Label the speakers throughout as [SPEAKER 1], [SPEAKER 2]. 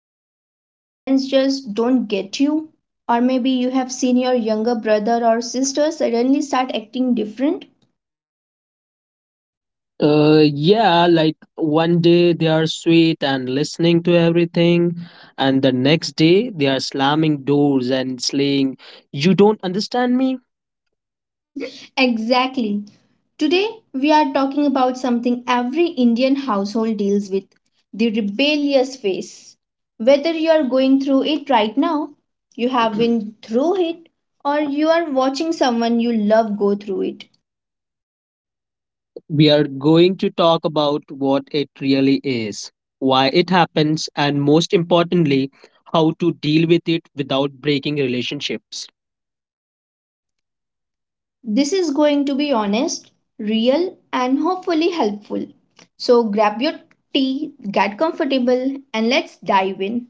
[SPEAKER 1] felt like your parents just don't get you? Or maybe you have seen your younger brother or sister suddenly start acting different?
[SPEAKER 2] Yeah, like one day they are sweet and listening to everything, and the next day they are slamming doors and saying, "You don't understand me?"
[SPEAKER 1] Exactly. Today, we are talking about something every Indian household deals with the rebellious phase. Whether you are going through it right now, you have been through it, or you are watching someone you love go through it.
[SPEAKER 2] We are going to talk about what it really is, why it happens, and most importantly, how to deal with it without breaking relationships.
[SPEAKER 1] This is going to be honest, real, and hopefully helpful. So, grab your tea, get comfortable, and let's dive in.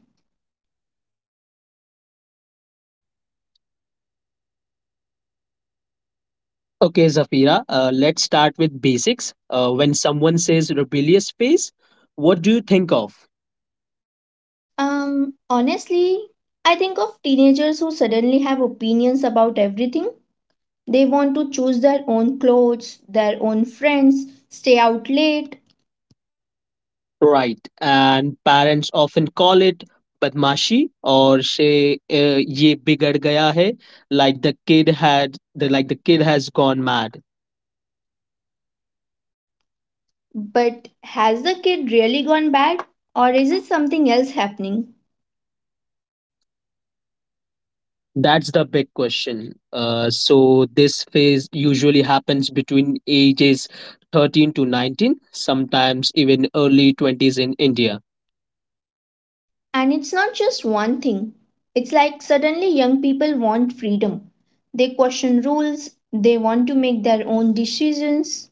[SPEAKER 2] Okay, Zafira, let's start with basics. When someone says rebellious phase, what do you think of?
[SPEAKER 1] Honestly, I think of teenagers who suddenly have opinions about everything. They want to choose their own clothes, their own friends, stay out late.
[SPEAKER 2] Right. And parents often call it badmashi or say ye bigad gaya hai like the kid had the like the kid has gone mad.
[SPEAKER 1] But has the kid really gone bad? Or is it something else happening?
[SPEAKER 2] That's the big question. So this phase usually happens between ages 13 to 19, sometimes even early 20s in India.
[SPEAKER 1] And it's not just one thing. It's like suddenly young people want freedom. They question rules, they want to make their own decisions.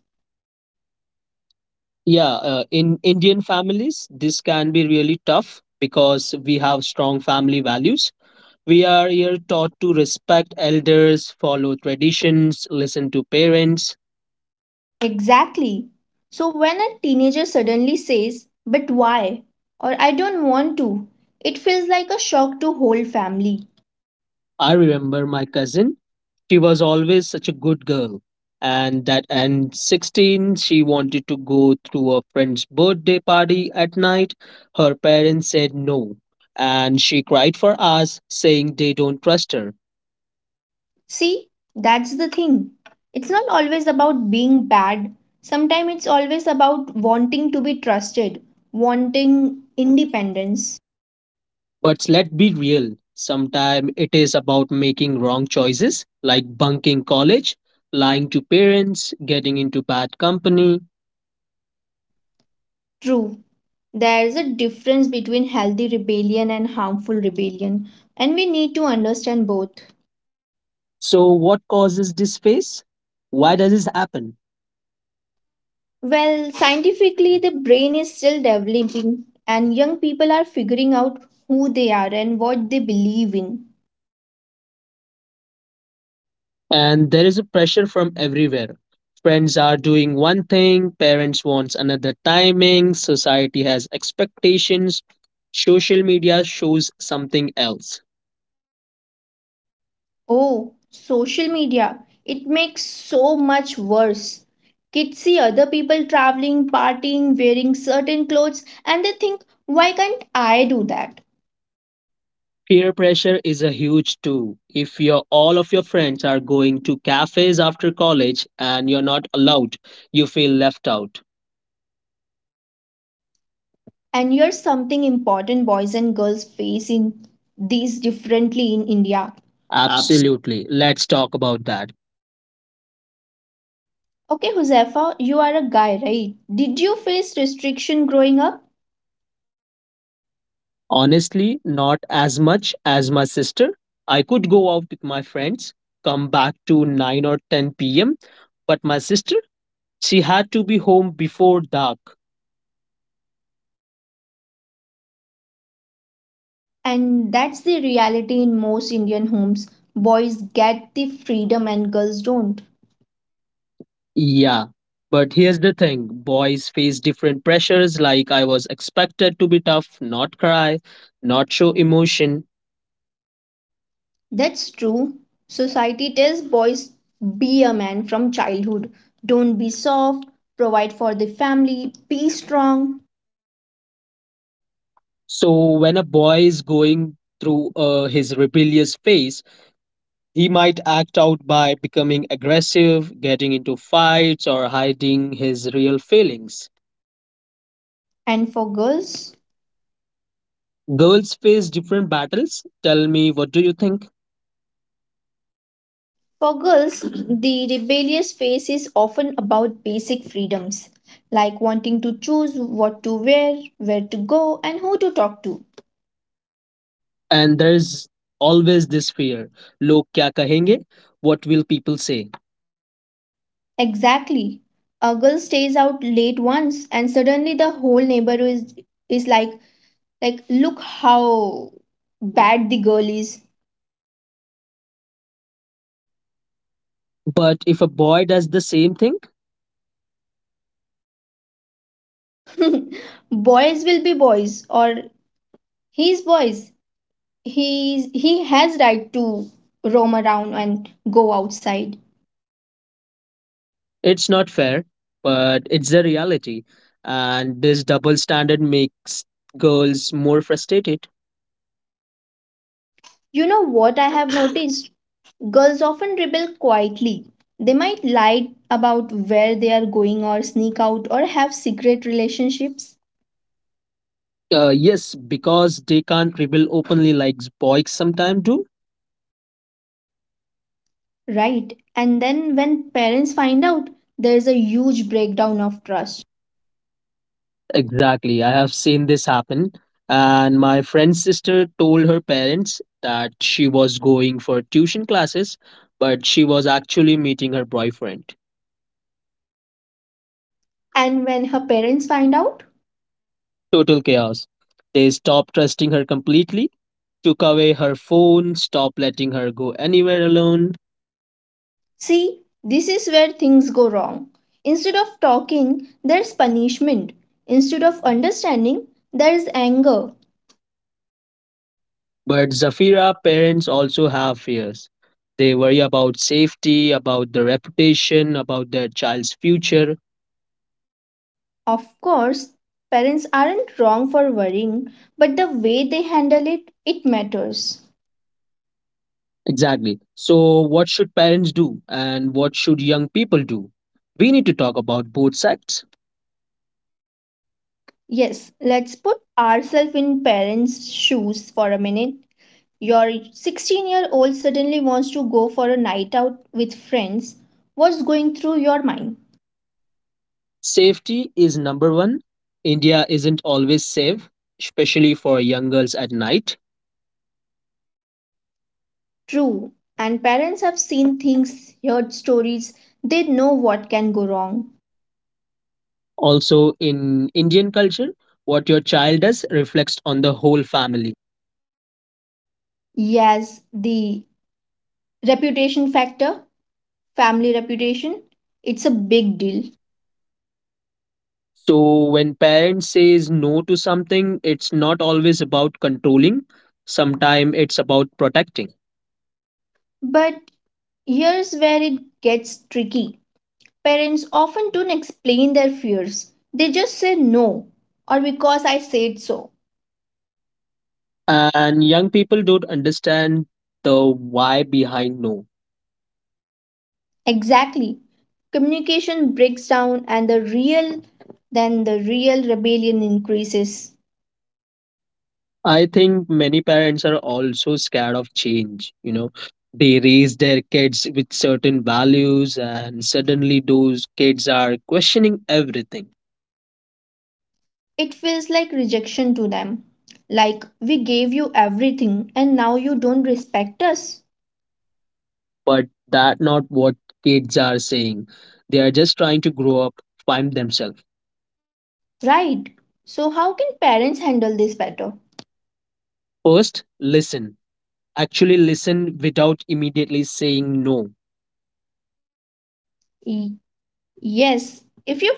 [SPEAKER 2] Yeah, in Indian families, this can be really tough because we have strong family values. We are here taught to respect elders, follow traditions, listen to parents.
[SPEAKER 1] Exactly. So when a teenager suddenly says, but why? Or I don't want to, it feels like a shock to whole family.
[SPEAKER 2] I remember my cousin, she was always such a good girl. And that and 16, she wanted to go through a friend's birthday party at night. Her parents said no, and she cried for us, saying they don't trust her.
[SPEAKER 1] See, that's the thing. It's not always about being bad. Sometimes it's always about wanting to be trusted, wanting independence.
[SPEAKER 2] But let's be real, sometimes it is about making wrong choices like bunking college, lying to parents, getting into bad company.
[SPEAKER 1] True. There's a difference between healthy rebellion and harmful rebellion, and we need to understand both.
[SPEAKER 2] So, what causes this phase? Why does this happen?
[SPEAKER 1] Well, scientifically, the brain is still developing, and young people are figuring out who they are and what they believe in.
[SPEAKER 2] And there is a pressure from everywhere. Friends are doing one thing, parents wants another timing, society has expectations, social media shows something else.
[SPEAKER 1] Oh, social media. It makes so much worse. Kids see other people traveling, partying, wearing certain clothes, and they think, why can't I do that?
[SPEAKER 2] Peer pressure is a huge too. If your all of your friends are going to cafes after college and you're not allowed, you feel left out.
[SPEAKER 1] And here's something important boys and girls face in these differently in India. Abs-
[SPEAKER 2] Absolutely. Let's talk about that.
[SPEAKER 1] Okay, Huzefa, you are a guy, right? Did you face restriction growing up?
[SPEAKER 2] Honestly, not as much as my sister. I could go out with my friends, come back to 9 or 10 p.m., but my sister, she had to be home before dark.
[SPEAKER 1] And that's the reality in most Indian homes. Boys get the freedom and girls don't.
[SPEAKER 2] Yeah, but here's the thing boys face different pressures. Like, I was expected to be tough, not cry, not show emotion.
[SPEAKER 1] That's true. Society tells boys, be a man from childhood. Don't be soft. Provide for the family. Be strong.
[SPEAKER 2] So, when a boy is going through his rebellious phase, he might act out by becoming aggressive, getting into fights, or hiding his real feelings.
[SPEAKER 1] And for girls?
[SPEAKER 2] Girls face different battles. Tell me, what do you think?
[SPEAKER 1] For girls, the rebellious phase is often about basic freedoms, like wanting to choose what to wear, where to go, and who to talk to.
[SPEAKER 2] And there's always this fear. Log kya kahenge? What will people say?
[SPEAKER 1] Exactly. A girl stays out late once and suddenly the whole neighborhood is like look how bad the girl is.
[SPEAKER 2] But if a boy does the same thing,
[SPEAKER 1] Boys will be boys or he's boys. He has right to roam around and go outside.
[SPEAKER 2] it's not fair, but it's the reality. And this double standard makes girls more frustrated.
[SPEAKER 1] You know what I have noticed? Girls often rebel quietly. They might lie about where they are going or sneak out or have secret relationships.
[SPEAKER 2] Yes, because they can't rebel openly like boys sometimes do.
[SPEAKER 1] Right. And then when parents find out, there's a huge breakdown of trust.
[SPEAKER 2] Exactly. I have seen this happen. And my friend's sister told her parents that she was going for tuition classes, but she was actually meeting her boyfriend.
[SPEAKER 1] And when her parents find out,
[SPEAKER 2] Total chaos. They stopped trusting her completely took away her phone, stopped letting her go anywhere alone.
[SPEAKER 1] see, this is where things go wrong. Instead of talking, there's punishment. Instead of understanding, there's anger.
[SPEAKER 2] But Zafira parents also have fears. They worry about safety, about their reputation, about their child's future.
[SPEAKER 1] Of course, parents aren't wrong for worrying, but the way they handle it, it matters.
[SPEAKER 2] Exactly. So, what should parents do and what should young people do? We need to talk about both sides.
[SPEAKER 1] Yes, let's put ourselves in parents' shoes for a minute. Your 16-year-old year old suddenly wants to go for a night out with friends, what's going through your mind?
[SPEAKER 2] Safety is number one. India isn't always safe, especially for young girls at night.
[SPEAKER 1] True, and parents have seen things, heard stories, they know what can go wrong.
[SPEAKER 2] Also, in Indian culture, what your child does reflects on the whole family.
[SPEAKER 1] Yes, the reputation factor, family reputation, it's a
[SPEAKER 2] Big
[SPEAKER 1] big
[SPEAKER 2] deal.
[SPEAKER 1] deal.
[SPEAKER 2] So when parents says no to something, it's not always about controlling. Sometimes it's about protecting.
[SPEAKER 1] But here's where it gets tricky. Parents often don't explain their fears, they just say no, or because I said so.
[SPEAKER 2] And young people don't understand the why behind no.
[SPEAKER 1] Exactly. Communication breaks down and then the real rebellion increases.
[SPEAKER 2] I think many parents are also scared of change, They raise their kids with certain values and suddenly those kids are questioning everything.
[SPEAKER 1] It feels like rejection to them. Like we gave you everything and now you don't respect us.
[SPEAKER 2] But that not what kids are saying. They are just trying to grow up, find themselves.
[SPEAKER 1] Right. So how can parents handle this better?
[SPEAKER 2] First, listen. Actually, listen without immediately saying no.
[SPEAKER 1] Y- yes, if your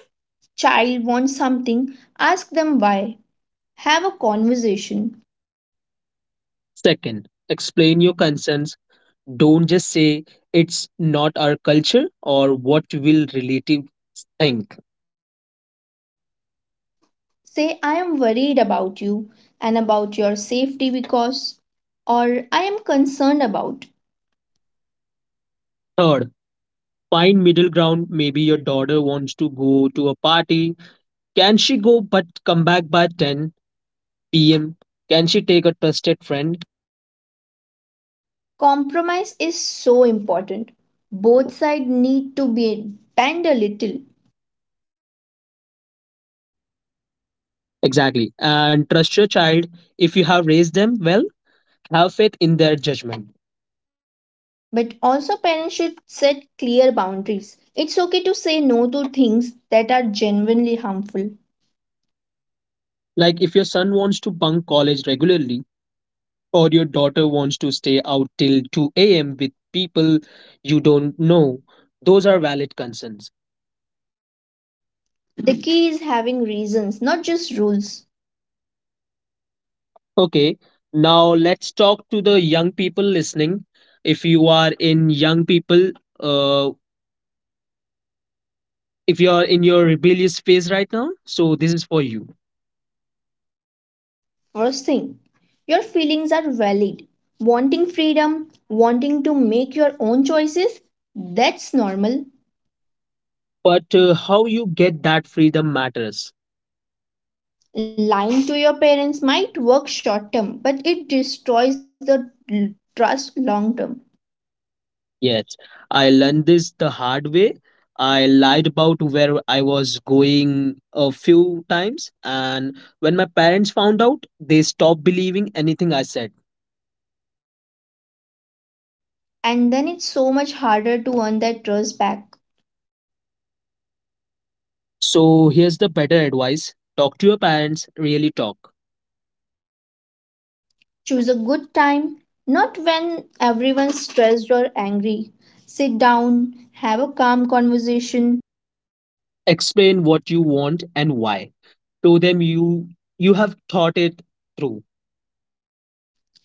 [SPEAKER 1] child wants something, ask them why. Have a conversation.
[SPEAKER 2] Second, explain your concerns. Don't just say it's not our culture or what will relatives think.
[SPEAKER 1] Say, I am worried about you and about your safety because, or I am concerned about.
[SPEAKER 2] Third, find middle ground. Maybe your daughter wants to go to a party. Can she go but come back by 10 p.m.? Can she take a trusted friend?
[SPEAKER 1] Compromise is so important. Both sides need to be bend a little,
[SPEAKER 2] Exactly. And trust your child. If you have raised them well, have faith in their judgment
[SPEAKER 1] but also parents should set clear boundaries. It's okay to say no to things that are genuinely harmful.
[SPEAKER 2] like if your son wants to bunk college regularly or your daughter wants to stay out till 2 a.m. with people you don't know. Those are valid concerns.
[SPEAKER 1] The key is having reasons, not just rules.
[SPEAKER 2] Okay, now let's talk to the young people listening. If you are in young people, uh, if you are in your rebellious phase right now, so this is for you.
[SPEAKER 1] First thing, your feelings are valid. Wanting freedom, wanting to make your own choices, that's normal.
[SPEAKER 2] But how you get that freedom matters.
[SPEAKER 1] Lying to your parents might work short term, but it destroys the trust long term.
[SPEAKER 2] Yes, I learned this the hard way. I lied about where I was going a few times, and when my parents found out, they stopped believing anything I said.
[SPEAKER 1] And then it's so much harder to earn that trust back.
[SPEAKER 2] So, here's the better advice talk to your parents, really talk.
[SPEAKER 1] Choose a good time, not when everyone's stressed or angry. Sit down, have a calm conversation.
[SPEAKER 2] Explain what you want and why. Show them you have thought it through.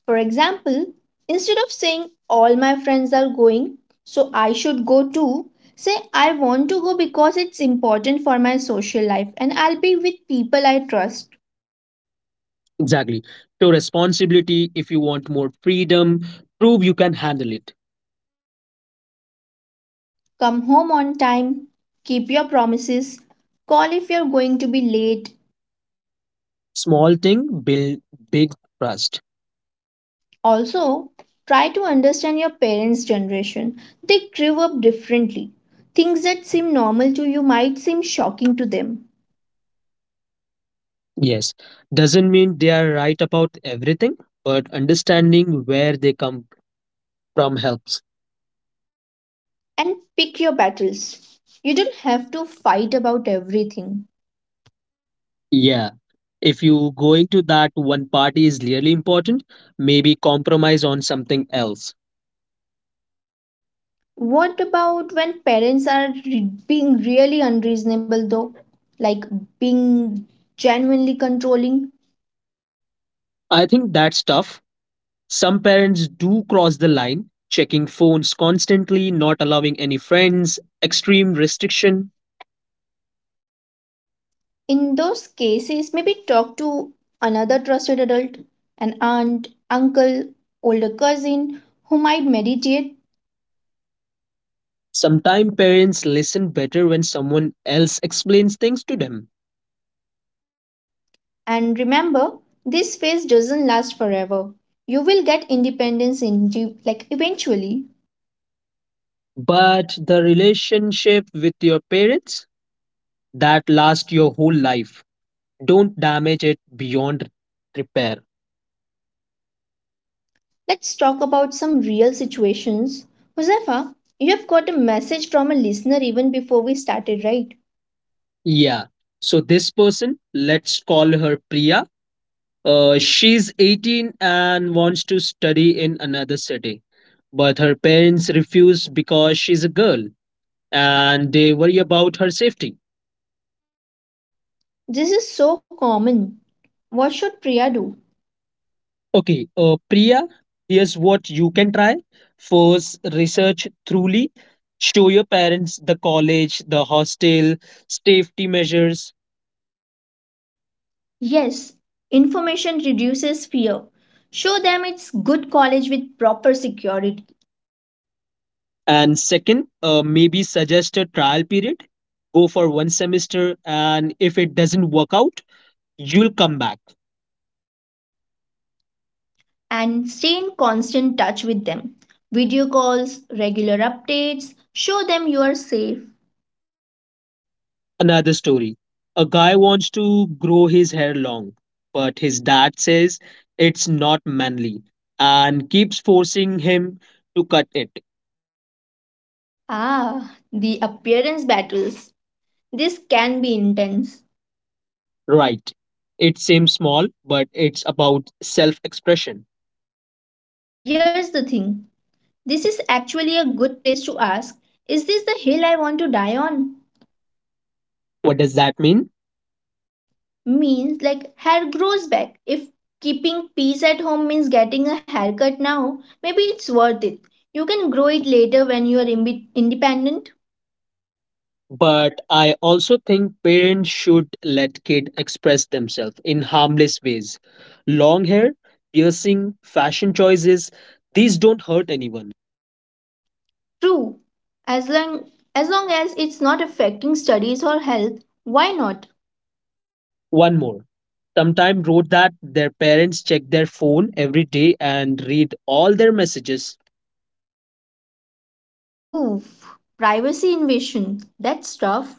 [SPEAKER 1] For example, instead of saying all my friends are going, so I should go too, say I want to go because it's important for my social life and I'll be with people I trust.
[SPEAKER 2] Exactly. Show responsibility if you want more freedom. Prove you can handle it.
[SPEAKER 1] Come home on time, keep your promises, call if you're going to be late.
[SPEAKER 2] Small thing build big trust.
[SPEAKER 1] Also, try to understand your parents' generation. They grew up differently. Things that seem normal to you might seem shocking to them.
[SPEAKER 2] Yes, doesn't mean they are right about everything, but understanding where they come from helps.
[SPEAKER 1] And pick your battles. You don't have to fight about everything.
[SPEAKER 2] Yeah. If you going to that one party is really important, maybe compromise on something else.
[SPEAKER 1] What about when parents are being really unreasonable though? Like being genuinely controlling?
[SPEAKER 2] I think that's tough. Some parents do cross the line, checking phones constantly, not allowing any friends, extreme restriction.
[SPEAKER 1] In those cases maybe talk to another trusted adult, an aunt, uncle, older cousin who might mediate.
[SPEAKER 2] Sometimes parents listen better when someone else explains things to them.
[SPEAKER 1] And remember this phase doesn't last forever, you will get independence in, like, eventually.
[SPEAKER 2] But the relationship with your parents that last your whole life. Don't damage it beyond repair.
[SPEAKER 1] Let's talk about some real situations, Josefa, you have got a message from a listener even before we started, right?
[SPEAKER 2] Yeah. So this person, let's call her Priya. She's 18 and wants to study in another city, but her parents refuse because she's a girl and they worry about her safety.
[SPEAKER 1] This is so common, what should Priya do?
[SPEAKER 2] Okay, Priya, here's what you can try. First, research thoroughly. Show your parents the college, the hostel, safety measures,
[SPEAKER 1] Yes, information reduces fear. Show them it's good college with proper security
[SPEAKER 2] and second, maybe suggest a trial period. Go for one semester, and if it doesn't work out, you'll come back.
[SPEAKER 1] and stay in constant touch with them. Video calls, regular updates, show them you are safe.
[SPEAKER 2] Another story. A guy wants to grow his hair long, but his dad says it's not manly and keeps forcing him to cut it.
[SPEAKER 1] Ah, the appearance battles. This can be intense.
[SPEAKER 2] Right. It seems small, but it's about self expression.
[SPEAKER 1] Here's the thing, this is actually a good place to ask, is this the hill I want to die on?
[SPEAKER 2] What does that mean?
[SPEAKER 1] Means like hair grows back. If keeping peace at home means getting a haircut now, maybe it's worth it. You can grow it later when you are independent.
[SPEAKER 2] But I also think parents should let kids express themselves in harmless ways. Long hair, piercing, fashion choices, these don't hurt anyone.
[SPEAKER 1] True. As long as long as it's not affecting studies or health, why not?
[SPEAKER 2] One more. Sometime wrote that their parents check their phone every day and read all their messages.
[SPEAKER 1] Oof. Privacy invasion. That's tough.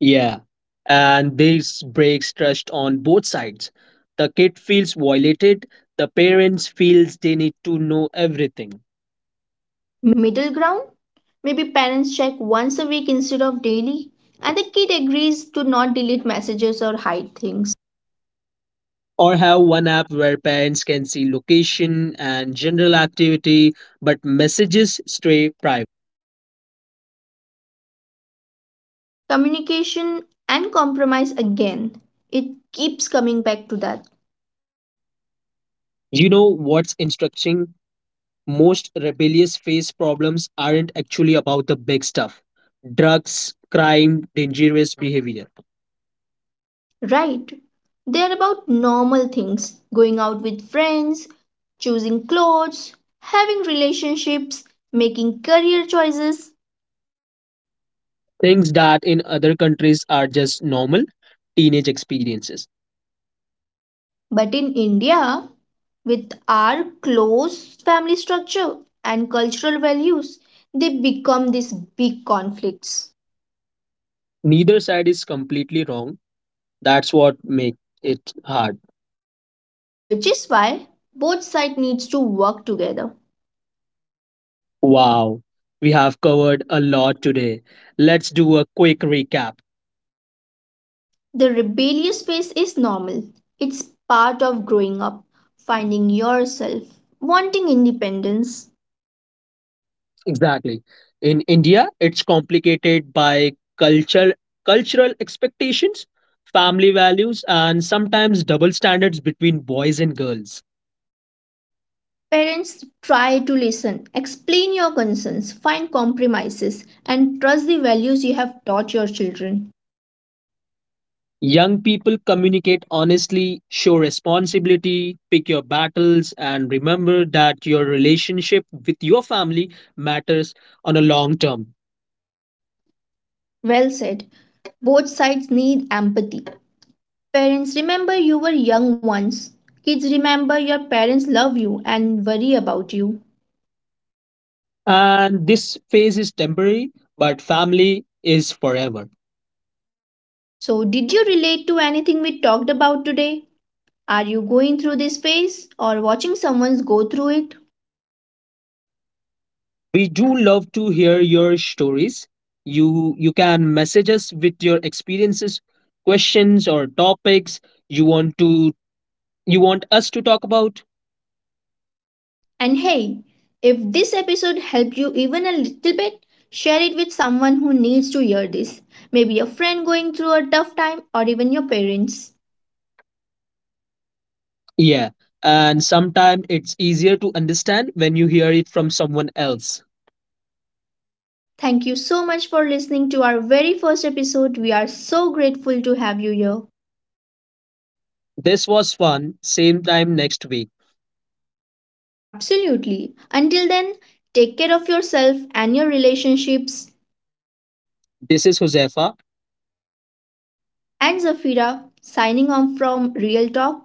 [SPEAKER 2] Yeah. And this breaks trust on both sides. The kid feels violated, the parents feels they need to know everything.
[SPEAKER 1] Middle ground? Maybe parents check once a week instead of daily, and the kid agrees to not delete messages or hide things.
[SPEAKER 2] Or have one app where parents can see location and general activity, but messages stay private.
[SPEAKER 1] Communication and compromise again. It keeps coming back to that,
[SPEAKER 2] You know what's instructing? Most rebellious phase problems aren't actually about the big stuff drugs, crime, dangerous behavior,
[SPEAKER 1] right? They're about normal things, going out with friends, choosing clothes, having relationships, making career choices.
[SPEAKER 2] things that in other countries are just normal teenage experiences.
[SPEAKER 1] But in India, with our close family structure and cultural values, they become these big conflicts,
[SPEAKER 2] Neither side is completely wrong. That's what makes it hard.
[SPEAKER 1] which is why both sides needs to work together.
[SPEAKER 2] Wow, we have covered a lot today. Let's do a quick recap.
[SPEAKER 1] The rebellious phase is normal. It's part of growing up, finding yourself, wanting independence.
[SPEAKER 2] Exactly. In India, it's complicated by culture, cultural expectations, family values, and sometimes double standards between boys and girls.
[SPEAKER 1] Parents try to listen, explain your concerns, find compromises, and trust the values you have taught your children.
[SPEAKER 2] Young people communicate honestly, show responsibility, pick your battles, and remember that your relationship with your family matters on a long term.
[SPEAKER 1] Well said. Both sides need empathy. Parents, remember you were young once. Kids, remember your parents love you and worry about you.
[SPEAKER 2] And this phase is temporary, but family is forever.
[SPEAKER 1] So, did you relate to anything we talked about today? Are you going through this phase or watching someone go through it?
[SPEAKER 2] We do love to hear your stories. you you can message us with your experiences, questions, or topics you want to you want us to talk about.
[SPEAKER 1] And hey, if this episode helped you even a little bit, share it with someone who needs to hear this. Maybe a friend going through a tough time or even your parents.
[SPEAKER 2] Yeah, and sometimes it's easier to understand when you hear it from someone else.
[SPEAKER 1] Thank you so much for listening to our very first episode. We are so grateful to have you here.
[SPEAKER 2] This was fun, same time next week.
[SPEAKER 1] Absolutely. Until then, take care of yourself and your relationships.
[SPEAKER 2] This is Josefa.
[SPEAKER 1] And Zafira, signing off from Real Talk.